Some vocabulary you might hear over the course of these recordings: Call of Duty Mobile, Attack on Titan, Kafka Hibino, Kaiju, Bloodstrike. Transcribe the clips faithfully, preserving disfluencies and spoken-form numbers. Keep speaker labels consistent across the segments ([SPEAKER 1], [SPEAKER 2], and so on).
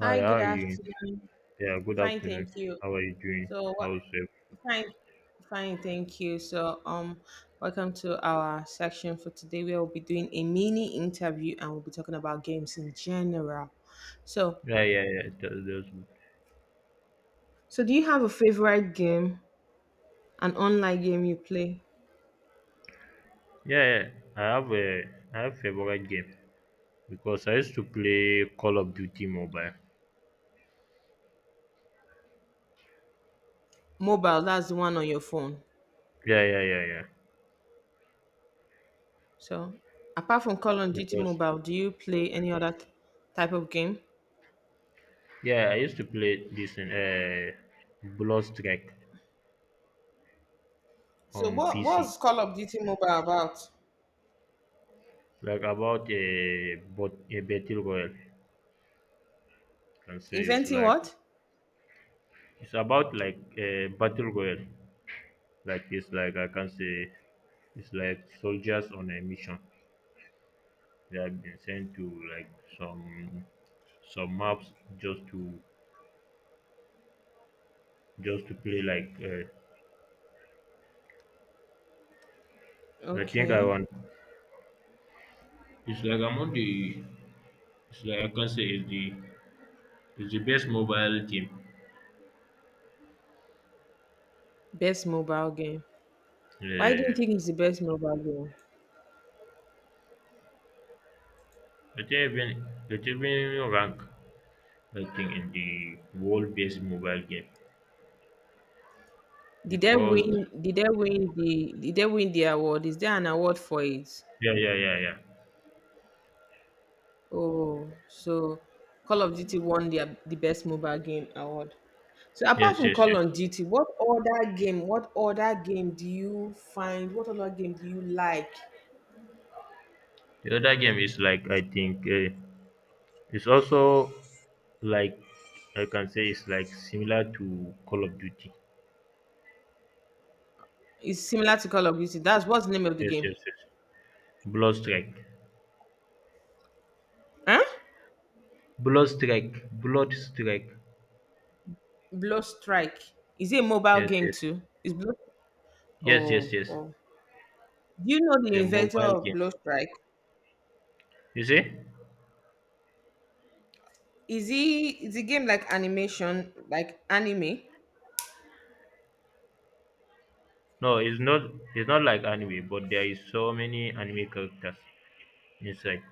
[SPEAKER 1] Hi,
[SPEAKER 2] Hi, good
[SPEAKER 1] how are you doing?
[SPEAKER 2] afternoon.
[SPEAKER 1] Yeah, good
[SPEAKER 2] Fine, thank
[SPEAKER 1] afternoon.
[SPEAKER 2] you.
[SPEAKER 1] How are you doing?
[SPEAKER 2] So, what,
[SPEAKER 1] How's it?
[SPEAKER 2] fine, fine, thank you. So, um, welcome to our section for today. We will be doing a mini interview, and we'll be talking about games in general. So,
[SPEAKER 1] Yeah, yeah, yeah. That, that's good.
[SPEAKER 2] so do you have a favorite game, an online game you play?
[SPEAKER 1] Yeah, yeah. I have a I have favorite game because I used to play Call of Duty Mobile.
[SPEAKER 2] Mobile, that's the one on your phone.
[SPEAKER 1] Yeah, yeah, yeah, yeah.
[SPEAKER 2] So, apart from Call of Duty
[SPEAKER 1] Because
[SPEAKER 2] Mobile, do you play any other t- type of game?
[SPEAKER 1] yeah, I used to play this in uh, Bloodstrike
[SPEAKER 2] So,
[SPEAKER 1] on
[SPEAKER 2] what
[SPEAKER 1] P C.
[SPEAKER 2] was Call of Duty Mobile about?
[SPEAKER 1] Like about a but a battle royale. Can say it's
[SPEAKER 2] Inventing
[SPEAKER 1] like
[SPEAKER 2] what?
[SPEAKER 1] It's about like a battle royale. Like it's like I can say It's like soldiers on a mission. They have been sent to like some some maps just to just to play like uh, I think I
[SPEAKER 2] Okay.
[SPEAKER 1] want it's like among the it's like I can say it's the it's the best mobile team.
[SPEAKER 2] Best mobile game. Why do
[SPEAKER 1] Uh,
[SPEAKER 2] you think it's the best mobile game?
[SPEAKER 1] it even it even rank, I think, in the world best mobile game
[SPEAKER 2] Did they
[SPEAKER 1] because
[SPEAKER 2] win? Did they win the? Did they win the award? Is there an award for it?
[SPEAKER 1] yeah, yeah, yeah, yeah.
[SPEAKER 2] Oh, so Call of Duty won the the best mobile game award. So apart
[SPEAKER 1] Yes,
[SPEAKER 2] from
[SPEAKER 1] yes,
[SPEAKER 2] Call
[SPEAKER 1] yes.
[SPEAKER 2] of Duty, what other game? What other game do you find? What other game do you like?
[SPEAKER 1] The other game is like, I think, uh, it's also like I can say it's like similar to Call of Duty.
[SPEAKER 2] It's similar to Call of Duty. That's what's the name of the
[SPEAKER 1] Yes,
[SPEAKER 2] game?
[SPEAKER 1] yes, yes. Blood strike.
[SPEAKER 2] Huh?
[SPEAKER 1] Blood strike. Blood strike.
[SPEAKER 2] Blow Strike. Is it a mobile
[SPEAKER 1] Yes,
[SPEAKER 2] game
[SPEAKER 1] yes.
[SPEAKER 2] too? Is Blow?
[SPEAKER 1] Yes, yes,
[SPEAKER 2] Oh,
[SPEAKER 1] yes.
[SPEAKER 2] oh. Do you know
[SPEAKER 1] It's
[SPEAKER 2] the
[SPEAKER 1] a
[SPEAKER 2] inventor
[SPEAKER 1] mobile
[SPEAKER 2] of
[SPEAKER 1] game.
[SPEAKER 2] Blow Strike?
[SPEAKER 1] You see?
[SPEAKER 2] Is he is the game like animation, like anime?
[SPEAKER 1] No, it's not. It's not like anime, but there is so many anime characters inside.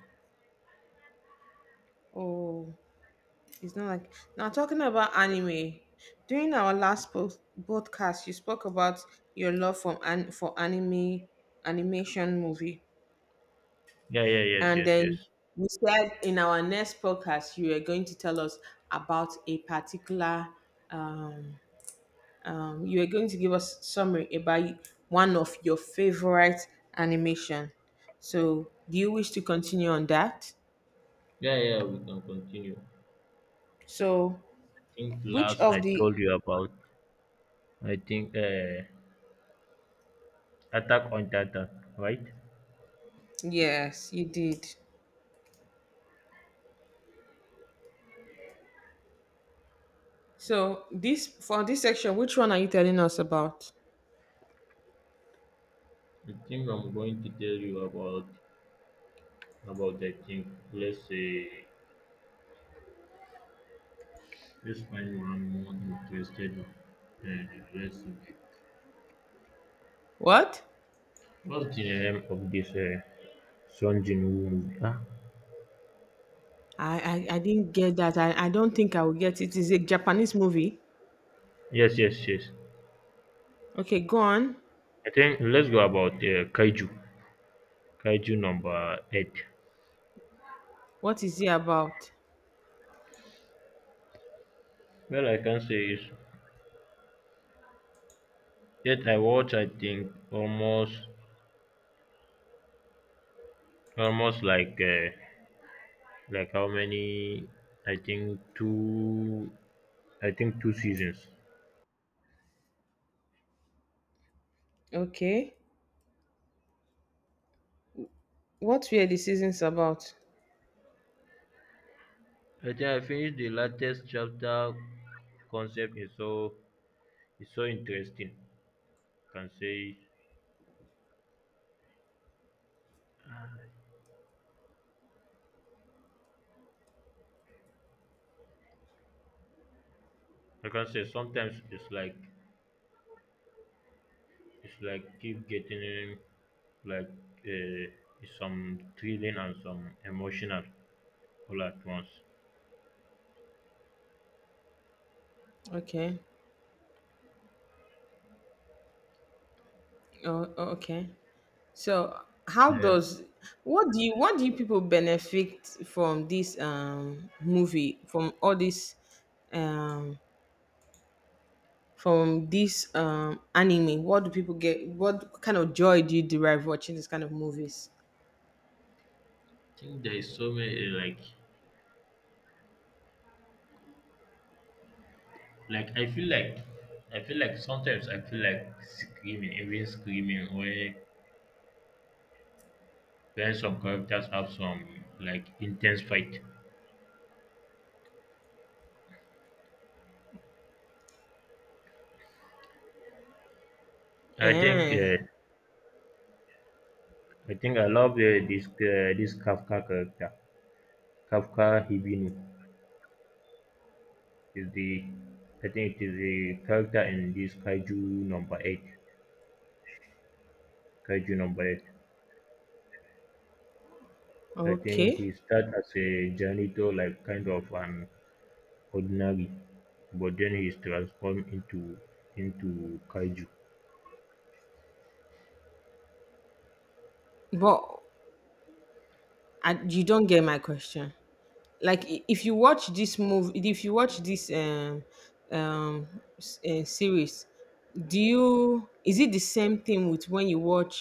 [SPEAKER 2] Oh, it's not like now talking about anime. During our last post podcast, you spoke about your love for an for anime animation movie,
[SPEAKER 1] Yeah, yeah, yes,
[SPEAKER 2] and
[SPEAKER 1] yes,
[SPEAKER 2] then
[SPEAKER 1] yes.
[SPEAKER 2] you said in our next podcast you were going to tell us about a particular um um, you are going to give us summary about one of your favorite animation. So, do you wish to continue on that?
[SPEAKER 1] Yeah, yeah, we can continue. I
[SPEAKER 2] So,
[SPEAKER 1] think
[SPEAKER 2] which
[SPEAKER 1] last I
[SPEAKER 2] of the
[SPEAKER 1] told you about, I think, uh Attack on Titan, right?
[SPEAKER 2] Yes, you did. So, this for this section, which one are you telling us about?
[SPEAKER 1] I think I'm going to tell you about about I think let's say, let's find one more interested, uh, let
[SPEAKER 2] What?
[SPEAKER 1] what's the name of this uh, Son Jin Woo movie? Ah,
[SPEAKER 2] I I, I didn't get that. I, I don't think I will get it. Is a Japanese movie?
[SPEAKER 1] yes, yes, yes.
[SPEAKER 2] Okay, go on.
[SPEAKER 1] I think let's go about uh, Kaiju. Kaiju number eight.
[SPEAKER 2] What is it about?
[SPEAKER 1] Well, I can say is that I watch, I think, almost, almost like uh, like how many? I think two. I think two seasons.
[SPEAKER 2] Okay. What were the seasons about?
[SPEAKER 1] I think I finished the latest chapter. Concept is so, is so interesting. Can say I can say sometimes it's like, it's like keep getting like uh, some thrilling and some emotional all at once.
[SPEAKER 2] Okay. Oh, oh, okay. So how
[SPEAKER 1] Yeah.
[SPEAKER 2] does what do you what do you people benefit from this um movie, from all this um from this um anime? What do people get? What kind of joy do you derive watching this kind of movies?
[SPEAKER 1] I think there is so many uh, like, like I feel like I feel like sometimes, I feel like screaming, even screaming, when, when some characters have some like intense fight. I think
[SPEAKER 2] Eh,
[SPEAKER 1] uh, I think I love uh, this, uh, this Kafka character, Kafka Hibino. Is the I think it is the character in this Kaiju number eight. Kaiju number eight. I think
[SPEAKER 2] okay,
[SPEAKER 1] he starts as a janitor, like kind of an ordinary, but then he's transformed into, into Kaiju.
[SPEAKER 2] but I, you don't get my question. Like i- if you watch this movie, if you watch this um um s- uh, series, do you, is it the same thing with when you watch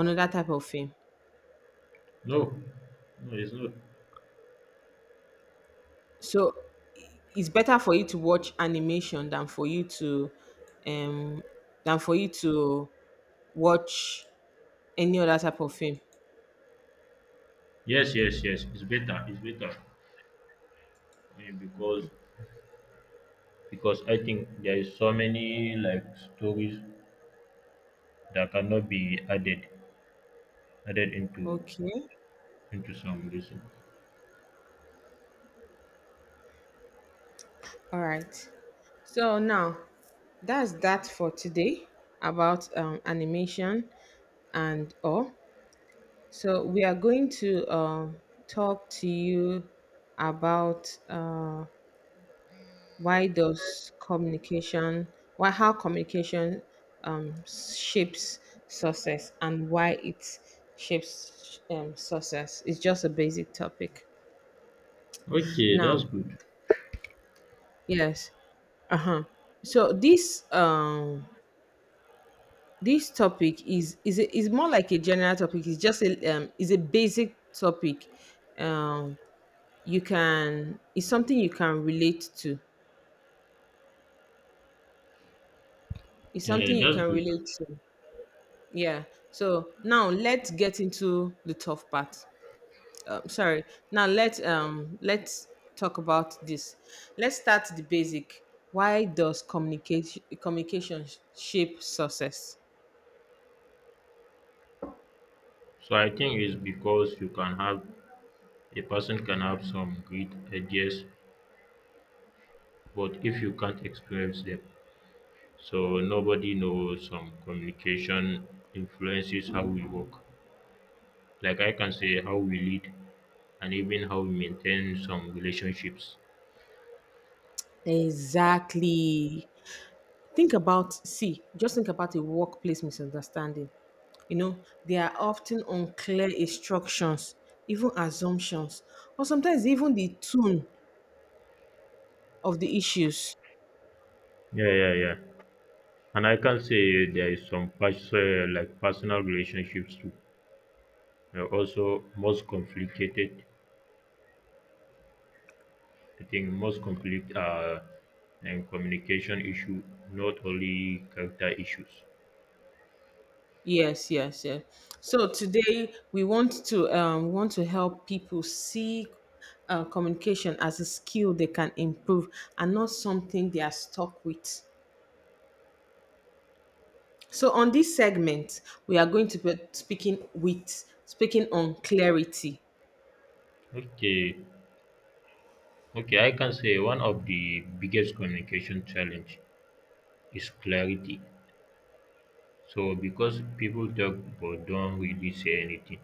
[SPEAKER 2] another type of film?
[SPEAKER 1] No, no, it's not.
[SPEAKER 2] So i- it's better for you to watch animation than for you to um than for you to watch any other type of film.
[SPEAKER 1] Yes, yes, yes. It's better. It's better Eh, because because I think there is so many like stories that cannot be added, added into,
[SPEAKER 2] Okay,
[SPEAKER 1] into some reason.
[SPEAKER 2] all right. So now that's that for today about um, animation and all. So we are going to um, talk to you about uh, why does communication, why, how communication um, shapes success, and why it shapes um, success. It's just a basic topic.
[SPEAKER 1] Okay, that's
[SPEAKER 2] Now,
[SPEAKER 1] good.
[SPEAKER 2] yes, uh-huh. So this um this topic is is a- is more like a general topic. It's just a um is a basic topic, um you can, it's something you can relate to, it's
[SPEAKER 1] Eh,
[SPEAKER 2] something you
[SPEAKER 1] that's
[SPEAKER 2] can
[SPEAKER 1] good.
[SPEAKER 2] relate to yeah. So now let's get into the tough part. Um, sorry now let's um let's talk about this. Let's start the basic. Why does communication communication shape success?
[SPEAKER 1] So I think it's because you can have, a person can have some great ideas, but if you can't experience them, so nobody knows. Some communication influences how we work. Like I can say, how we lead and even how we maintain some relationships.
[SPEAKER 2] Exactly. think about see just think about a workplace misunderstanding. You know, they are often unclear instructions, even assumptions, or sometimes even the tune of the issues.
[SPEAKER 1] Yeah, yeah, yeah. And I can say there is some pers- uh, like personal relationships too. They're also most complicated. I think most conflict are and communication issue, not only character issues.
[SPEAKER 2] Yes, yes, yes. So today we want to um, want to help people see uh, communication as a skill they can improve and not something they are stuck with. So on this segment, we are going to be speaking with speaking on clarity.
[SPEAKER 1] Okay, okay, I can say one of the biggest communication challenge is clarity. So because people talk but don't really say anything,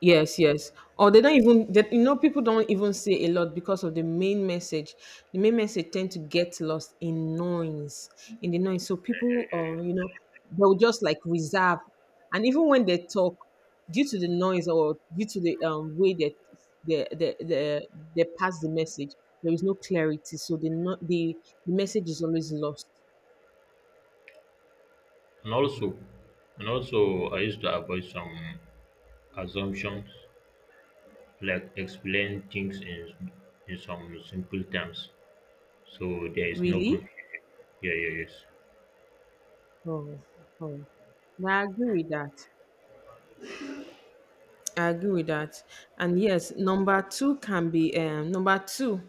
[SPEAKER 2] Yes, yes. Or they don't even, that you know people don't even say a lot because of the main message. The main message tend to get lost in noise, in the noise. So people, uh, you know, they'll just like reserve, and even when they talk, due to the noise or due to the um way that the the the they pass the message, there is no clarity. So the no, the the message is always lost.
[SPEAKER 1] and also, and also, I used to avoid some assumptions, like explain things in, in some simple terms, so there is no
[SPEAKER 2] Really?
[SPEAKER 1] confusion. Yeah, yeah, yes.
[SPEAKER 2] Oh, oh. I agree with that. I agree with that. And yes, number two can be um, number two,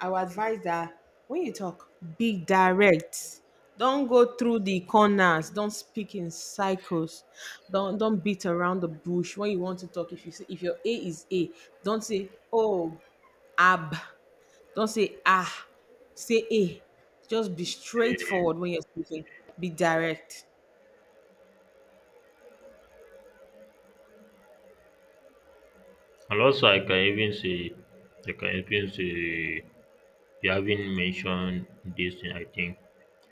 [SPEAKER 2] I would advise that when you talk, be direct. Don't go through the corners. Don't speak in cycles. Don't don't beat around the bush when you want to talk. If you say, if your A is A, don't say oh, ab. Don't say ah. Say A. Just be straightforward when you're speaking. Be direct.
[SPEAKER 1] And also, I can even say, I can even say, you haven't mentioned this thing. I think,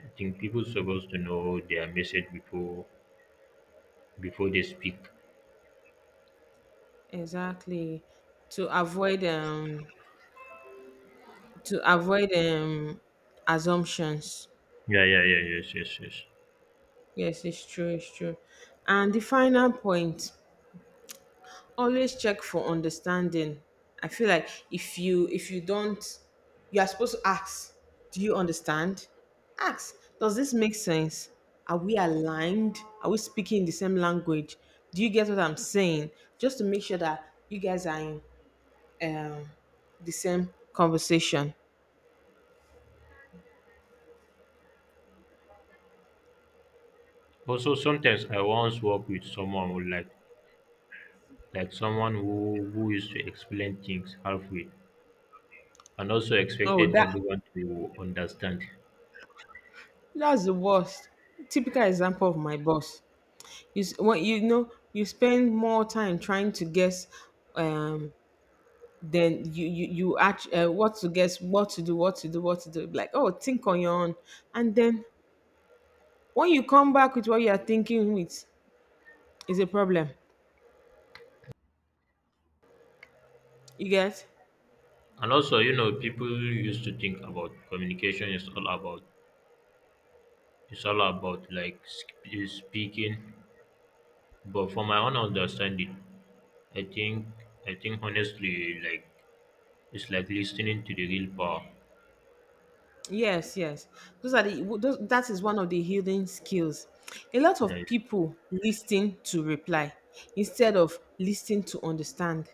[SPEAKER 1] I think people supposed to know their message before, before they speak.
[SPEAKER 2] Exactly. To avoid um to avoid um assumptions.
[SPEAKER 1] Yeah, yeah, yeah, yes, yes, yes.
[SPEAKER 2] Yes, it's true, it's true. And the final point, always check for understanding. I feel like if you if you don't, you are supposed to ask, do you understand? Ask, does this make sense? Are we aligned? Are we speaking the same language? Do you get what I'm saying? Just to make sure that you guys are in, um, the same conversation.
[SPEAKER 1] Also, sometimes I once work with someone who like, like someone who who used to explain things halfway, and also
[SPEAKER 2] Oh,
[SPEAKER 1] expected
[SPEAKER 2] that
[SPEAKER 1] everyone to understand.
[SPEAKER 2] that's the worst. Typical example of my boss. You s- when you know, you spend more time trying to guess um than you you you act, uh, what to guess, what to do, what to do, what to do. Like, oh, think on your own, and then when you come back with what you are thinking with, is a problem. You get?
[SPEAKER 1] And also, you know, people used to think about communication is all about, it's all about like sp- speaking. But from my own understanding, I think I think honestly, like, it's like listening to the real power.
[SPEAKER 2] Yes, yes. Those are the those, that is one of the healing skills. A lot of
[SPEAKER 1] Like,
[SPEAKER 2] people listen to reply instead of listening to understand.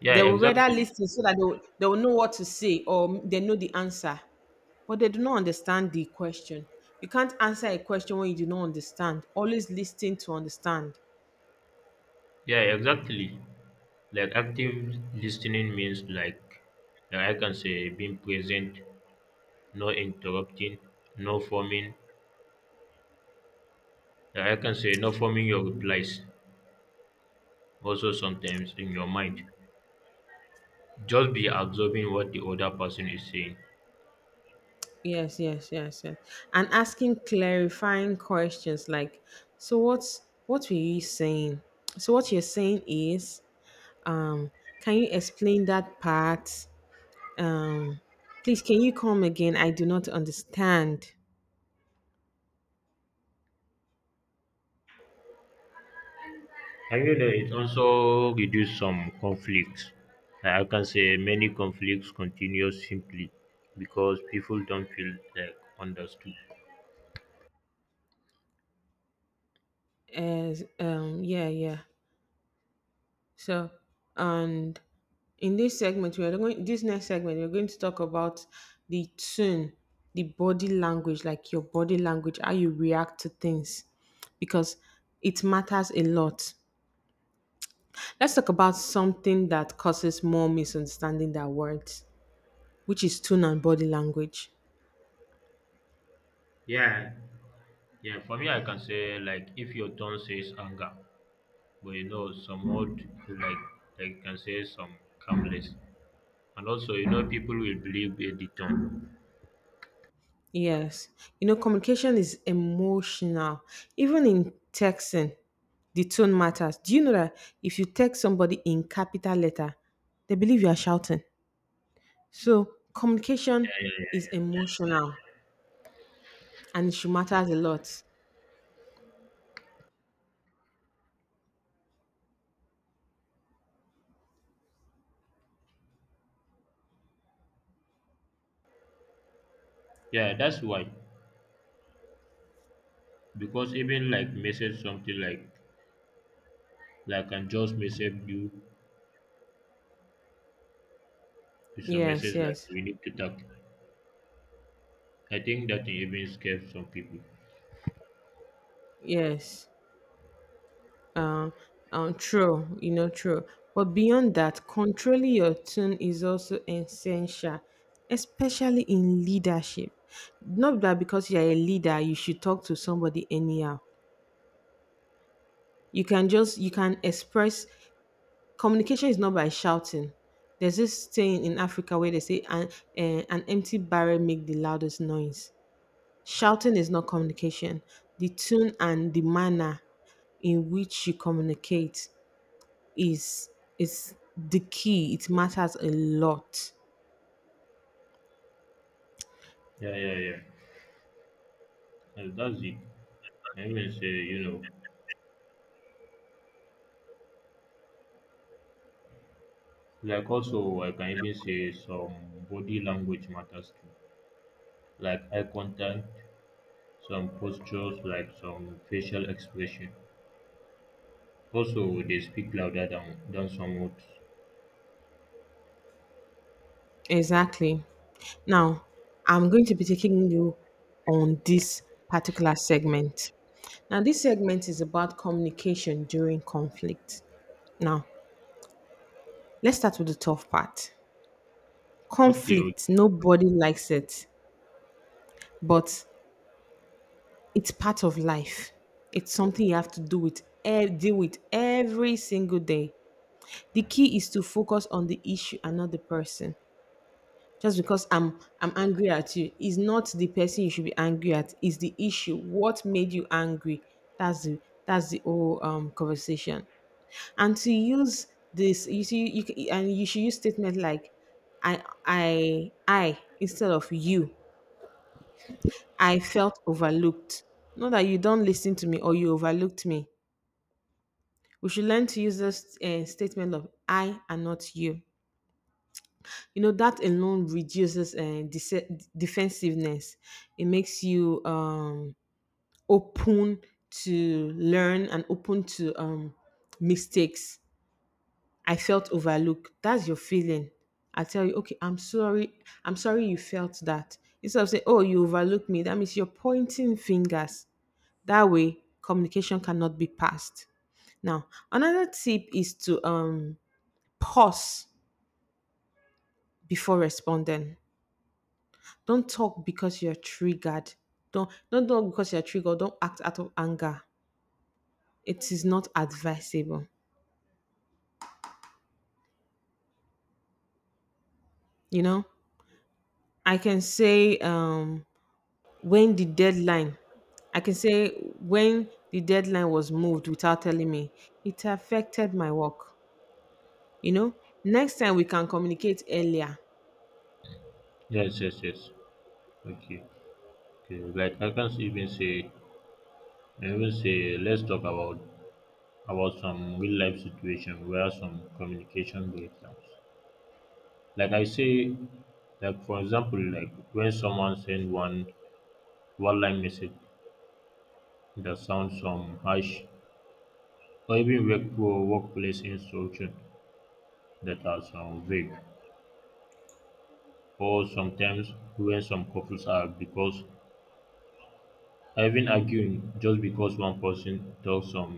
[SPEAKER 1] yeah,
[SPEAKER 2] They will rather
[SPEAKER 1] exactly.
[SPEAKER 2] listen so that they will, they will know what to say or they know the answer, but they do not understand the question. You can't answer a question when you do not understand. Always listen to understand.
[SPEAKER 1] Yeah, exactly. Like active listening means like, like I can say being present, no interrupting, no forming. Like I can say, no forming your replies. Also sometimes in your mind, just be absorbing what the other person is saying.
[SPEAKER 2] Yes, yes, yes, yes. And asking clarifying questions like, so what's what were you saying? So what you're saying is, um, can you explain that part? Um, please, can you come again? I do not understand.
[SPEAKER 1] I feel that it also reduce some conflicts. Like I can say many conflicts continue simply because people don't feel like understood.
[SPEAKER 2] As um, yeah, yeah. So, and in this segment, we are going. This next segment, we're going to talk about the tune, the body language, like your body language, how you react to things, because it matters a lot. Let's talk about something that causes more misunderstanding than words, which is tone and body language.
[SPEAKER 1] Yeah, yeah. For me, I can say like, if your tone says anger, but you know some old like like can say some calmness, and also you know people will believe uh, the tone.
[SPEAKER 2] Yes. You know, communication is emotional. Even in texting, the tone matters. Do you know that if you text somebody in capital letter, they believe you are shouting? So communication
[SPEAKER 1] Yeah, yeah,
[SPEAKER 2] is
[SPEAKER 1] yeah.
[SPEAKER 2] emotional and it should matters a lot.
[SPEAKER 1] Yeah, that's why, because even like message something like, like I can just message you with some
[SPEAKER 2] Yes,
[SPEAKER 1] message like,
[SPEAKER 2] yes,
[SPEAKER 1] we need to talk. I think that even scares some people.
[SPEAKER 2] yes. Uh, um, true, you know, true. But beyond that, controlling your tone is also essential, especially in leadership. Not that because you're a leader, you should talk to somebody anyhow. You can just, you can express, communication is not by shouting. There's this saying in Africa where they say an, eh, an empty barrel make the loudest noise. Shouting is not communication. The tone and the manner in which you communicate is is the key. It matters a lot.
[SPEAKER 1] Yeah, yeah, yeah. And that's it. I even say, you know, like, also I can even say some body language matters too. Like eye contact, some postures, like some facial expression. Also, they speak louder than, than some words.
[SPEAKER 2] Exactly. Now, I'm going to be taking you on this particular segment. Now, this segment is about communication during conflict. Now, let's start with the tough part.
[SPEAKER 1] Okay,
[SPEAKER 2] Conflict,
[SPEAKER 1] okay.
[SPEAKER 2] nobody likes it, but it's part of life. It's something you have to do with eh, deal with every single day. The key is to focus on the issue and not the person. Just because I'm I'm angry at you is not the person you should be angry at. Is the issue. What made you angry? That's the that's the whole um, conversation. And to use this, you see, you c- and you should use statement like I I I instead of you. I felt overlooked. Not that you don't listen to me or you overlooked me. We should learn to use this uh, statement of I and not you. You know that alone reduces uh, dece- defensiveness. It makes you um, open to learn and open to um, mistakes. I felt overlooked, that's your feeling. I tell you, okay, I'm sorry, I'm sorry you felt that, instead of saying, oh, you overlooked me. That means you're pointing fingers. That way communication cannot be passed. Now, another tip is to um, pause before responding. Don't talk because you're triggered. Don't don't talk because you're triggered. Don't act out of anger. It is not advisable. You know, I can say um, when the deadline. I can say, when the deadline was moved without telling me, it affected my work. You know, next time we can communicate earlier.
[SPEAKER 1] Yes, yes, yes. Okay, okay. Like I can even say, I even say, let's talk about, about some real life situation where some communication breakdowns. Like I say, like for example, like when someone send one, one line message that sounds some harsh, or even work or workplace instruction that are some vague, or sometimes when some couples are because are even arguing just because one person talks some,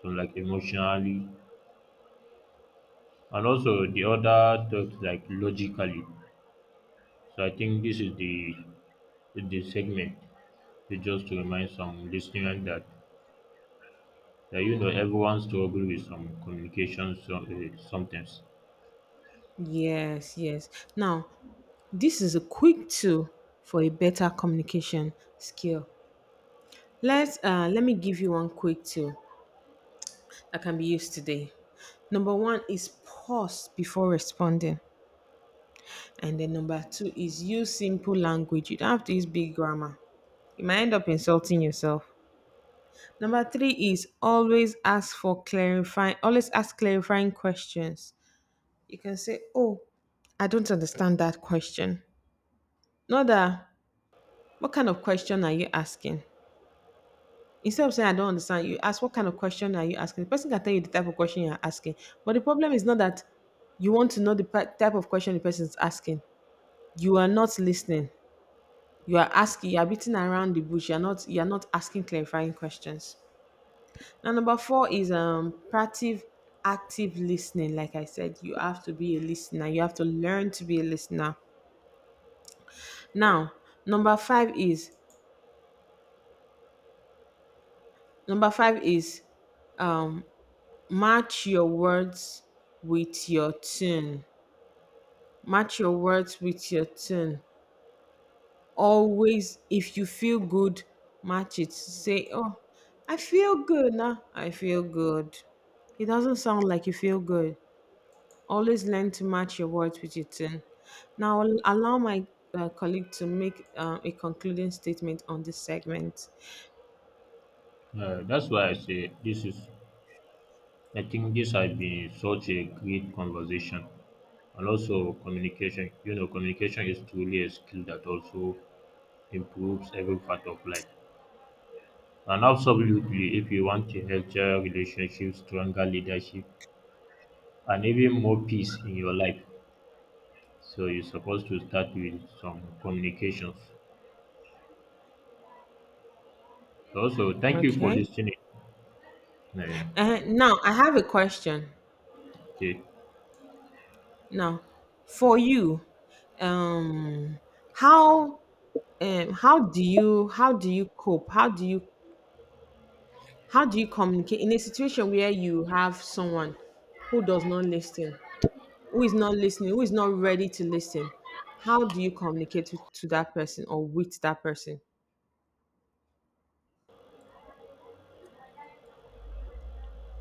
[SPEAKER 1] some like emotionally, and also the other talks like logically. So I think this is the, the segment to, just to remind some listeners that, yeah, you know, everyone struggle with some communication so, uh, sometimes.
[SPEAKER 2] Yes, yes. Now, this is a quick tool for a better communication skill. Let's uh, let me give you one quick tool that can be used today. Number one is pause before responding. And then number two is use simple language. You don't have to use big grammar. You might end up insulting yourself. Number three is always ask for clarifying, always ask clarifying questions. You can say, oh, I don't understand that question. Not that, what kind of question are you asking? Instead of saying, I don't understand, you ask, what kind of question are you asking? The person can tell you the type of question you're asking. But the problem is not that you want to know the pa- type of question the person is asking. You are not listening. You are asking, you are beating around the bush. You're not, you're not asking clarifying questions. Now, number four is um, proactive, active listening. Like I said, you have to be a listener. You have to learn to be a listener. Now, number five is number five is um, match your words with your tune, match your words with your tune. Always, if you feel good, match it, say, oh, i feel good now i feel good It doesn't sound like you feel good. Always learn to match your words with your tone. Now I'll allow my uh, colleague to make uh, a concluding statement on this segment.
[SPEAKER 1] Uh, that's why I say this is, I think this has been such a great conversation. And also communication, you know, communication is truly a skill that also improves every part of life. And absolutely, if you want a healthier relationship, stronger leadership, and even more peace in your life, so you're supposed to start with some communications. So, also, thank you for
[SPEAKER 2] Okay.
[SPEAKER 1] listening. Uh,
[SPEAKER 2] Uh, now I have a question.
[SPEAKER 1] okay.
[SPEAKER 2] Now, for you, um, how um, how do you how do you cope? How do you how do you communicate in a situation where you have someone who does not listen, who is not listening, who is not ready to listen? How do you communicate with, to that person or with that person?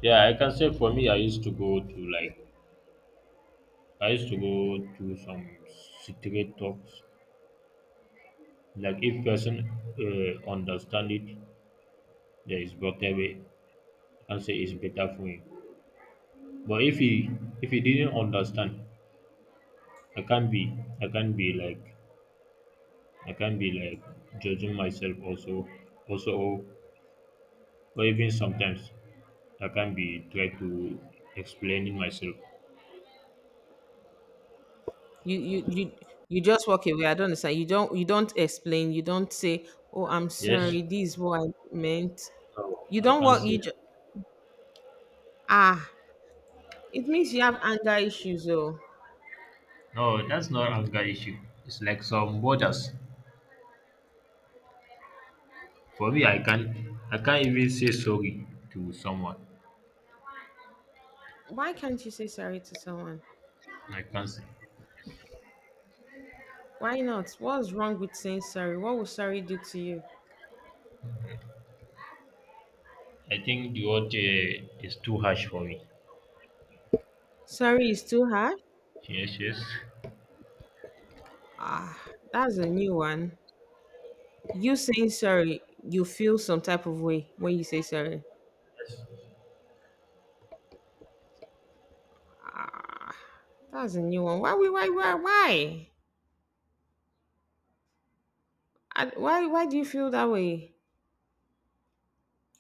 [SPEAKER 1] Yeah, I can say for me, I used to go to like, I used to go to some straight talks. Like if person uh, understand it, there is better way. I say it's better for him. But if he, if he didn't understand, I can't be, I can't be like I can't be like judging myself also, also or or even sometimes I can't be try to explaining myself.
[SPEAKER 2] You you you you just walk away. I don't understand. You don't you don't explain. You don't say, "Oh, I'm
[SPEAKER 1] Yes,
[SPEAKER 2] sorry. This is what I meant."
[SPEAKER 1] so
[SPEAKER 2] You
[SPEAKER 1] I
[SPEAKER 2] don't
[SPEAKER 1] can't
[SPEAKER 2] walk.
[SPEAKER 1] say
[SPEAKER 2] You
[SPEAKER 1] that.
[SPEAKER 2] just ah. It means you have anger issues, though.
[SPEAKER 1] No, that's not anger issue. It's like some borders. For me, I can't, I can't even say sorry to someone.
[SPEAKER 2] Why can't you say sorry to someone?
[SPEAKER 1] I can't say.
[SPEAKER 2] Why not? What's wrong with saying sorry? What will sorry do to you?
[SPEAKER 1] I think the word uh, is too harsh for me.
[SPEAKER 2] Sorry is too hard?
[SPEAKER 1] Yes, yes.
[SPEAKER 2] Ah, that's a new one. You saying sorry, you feel some type of way when you say sorry.
[SPEAKER 1] Yes.
[SPEAKER 2] That's a new one. Why, we- why, why, why? I- Why, why do you feel that way?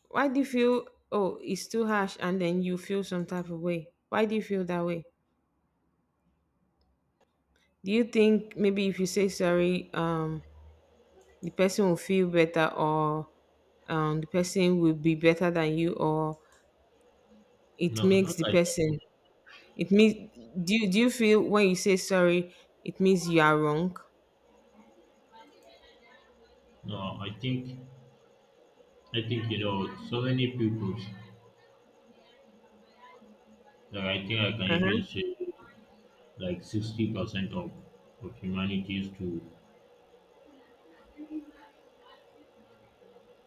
[SPEAKER 2] Why do you feel, oh, it's too harsh and then you feel some type of way? Why do you feel that way? Do you think maybe if you say sorry, um, the person will feel better or um, the person will be better than you or it
[SPEAKER 1] No,
[SPEAKER 2] makes
[SPEAKER 1] not
[SPEAKER 2] the
[SPEAKER 1] like that.
[SPEAKER 2] person, it means, do you, do you feel when you say sorry it means you are wrong?
[SPEAKER 1] No, I think, I think you know so many people. Like I think I can
[SPEAKER 2] Uh-huh.
[SPEAKER 1] even say, like, sixty percent of, of humanity is to,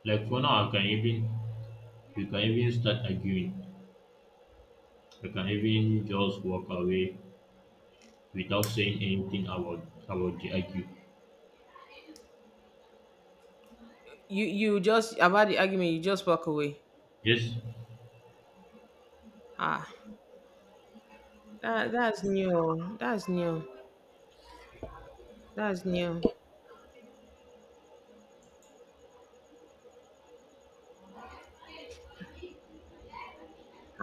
[SPEAKER 1] like, for now I can even, we can even start arguing. I can even just walk away without saying anything about, about the argue.
[SPEAKER 2] you you just, about the argument, you just walk away.
[SPEAKER 1] Yes.
[SPEAKER 2] Ah, that, that's new that's new that's new.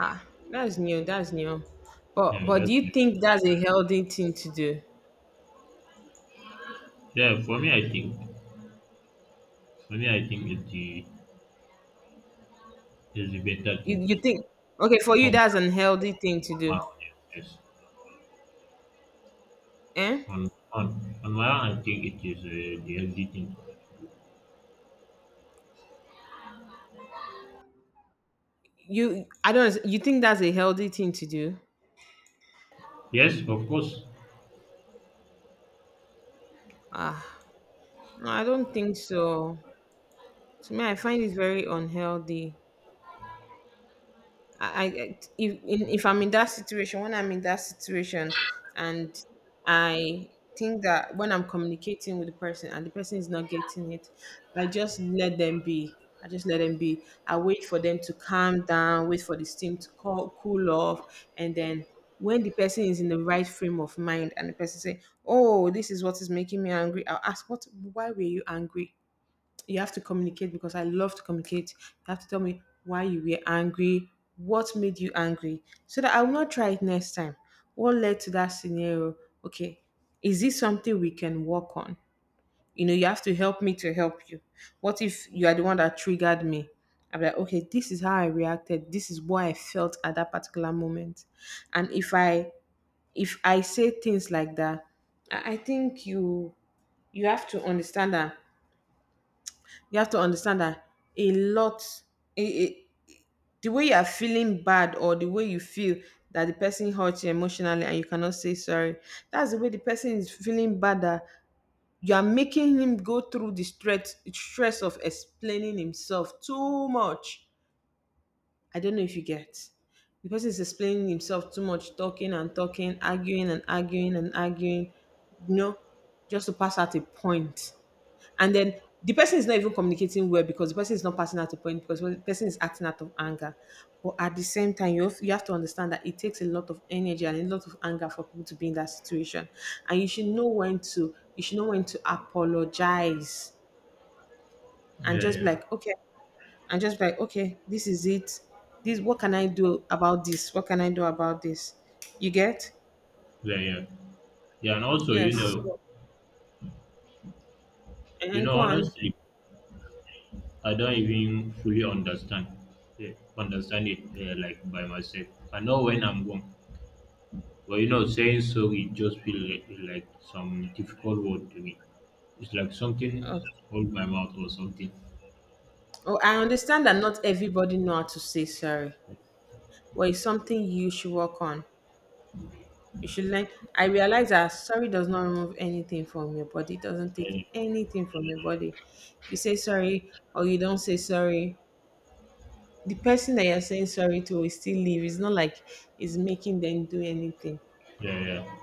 [SPEAKER 2] Ah, that's new that's new but
[SPEAKER 1] Yeah,
[SPEAKER 2] but do
[SPEAKER 1] that's
[SPEAKER 2] you think that's a healthy thing to do?
[SPEAKER 1] yeah, for me, I think, for me, I think it's the, it's the better
[SPEAKER 2] you,
[SPEAKER 1] thing
[SPEAKER 2] you think okay, for you
[SPEAKER 1] from,
[SPEAKER 2] that's an healthy thing to
[SPEAKER 1] from my
[SPEAKER 2] do?
[SPEAKER 1] own. Yes.
[SPEAKER 2] Eh.
[SPEAKER 1] On, on on my own, I think it is uh, the healthy thing.
[SPEAKER 2] You, I don't. You think that's a healthy thing to do?
[SPEAKER 1] Yes, of course.
[SPEAKER 2] Ah, no, I don't think so. To me, I find it very unhealthy. I, I if in- if I'm in that situation, when I'm in that situation, and I think that when I'm communicating with the person and the person is not getting it, I just let them be. I just let them be. I wait for them to calm down, wait for the steam to cool, cool off, and then when the person is in the right frame of mind and the person say, "Oh, this is what is making me angry," I'll ask, "What? Why were you angry?" You have to communicate because I love to communicate. You have to tell me why you were angry, what made you angry, so that I will not try it next time. What led to that scenario? Okay, is this something we can work on? You know, you have to help me to help you. What if you are the one that triggered me? I'm like, okay, this is how I reacted. This is what I felt at that particular moment. And if I if I say things like that, I I think you you have to understand that you have to understand that a lot, it, it, the way you are feeling bad or the way you feel that the person hurt you emotionally and you cannot say sorry, that's the way the person is feeling bad that you are making him go through the stress, stress of explaining himself too much. I don't know if you get. The person is explaining himself too much, talking and talking, arguing and arguing and arguing, you know, just to pass at a point. And then the person is not even communicating well because the person is not passing at a point because the person is acting out of anger. But at the same time, you have, you have to understand that it takes a lot of energy and a lot of anger for people to be in that situation. And you should know when to you should know when to apologize and
[SPEAKER 1] Yeah,
[SPEAKER 2] just be
[SPEAKER 1] yeah,
[SPEAKER 2] like, okay, and just be like, okay, this is it. This, what can I do about this? What can I do about this? You get?
[SPEAKER 1] yeah, yeah, yeah. And also, you
[SPEAKER 2] Yes.
[SPEAKER 1] know,
[SPEAKER 2] So,
[SPEAKER 1] you
[SPEAKER 2] and
[SPEAKER 1] know,
[SPEAKER 2] go on.
[SPEAKER 1] honestly, I don't even fully understand, eh, understand it uh, like by myself. I know when I'm wrong, but you know, saying sorry just feel like, like some difficult word to me. It's like something
[SPEAKER 2] Oh,
[SPEAKER 1] hold my mouth or something.
[SPEAKER 2] oh, I understand that not everybody know how to say sorry. Well, it's something you should work on. You should learn. I realize that sorry does not remove anything from your body. It doesn't take
[SPEAKER 1] Yeah,
[SPEAKER 2] anything from your body. If you say sorry or you don't say sorry, the person that you're saying sorry to will still leave. It's not like it's making them do anything.
[SPEAKER 1] yeah, yeah.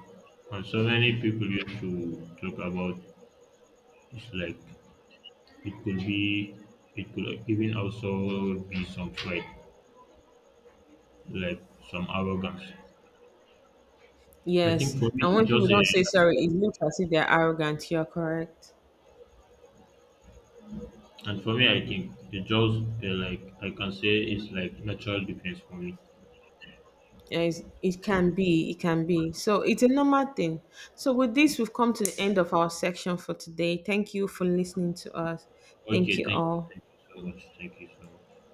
[SPEAKER 1] And so many people used to talk about, it's like it could be, it could even also be some pride, like some arrogance. I
[SPEAKER 2] Yes,
[SPEAKER 1] think for me,
[SPEAKER 2] and when
[SPEAKER 1] it's
[SPEAKER 2] people
[SPEAKER 1] just a
[SPEAKER 2] don't say sorry, it
[SPEAKER 1] natural,
[SPEAKER 2] looks as if they're arrogant. You're correct.
[SPEAKER 1] and for me, I think it's just uh, like I can say it's like natural defense for me.
[SPEAKER 2] Yes, it can be, it can be. So it's a normal thing. So with this, we've come to the end of our section for today. Thank you for listening to us. Thank
[SPEAKER 1] Okay,
[SPEAKER 2] you
[SPEAKER 1] thank you,
[SPEAKER 2] all.
[SPEAKER 1] thank you so much, thank you so much.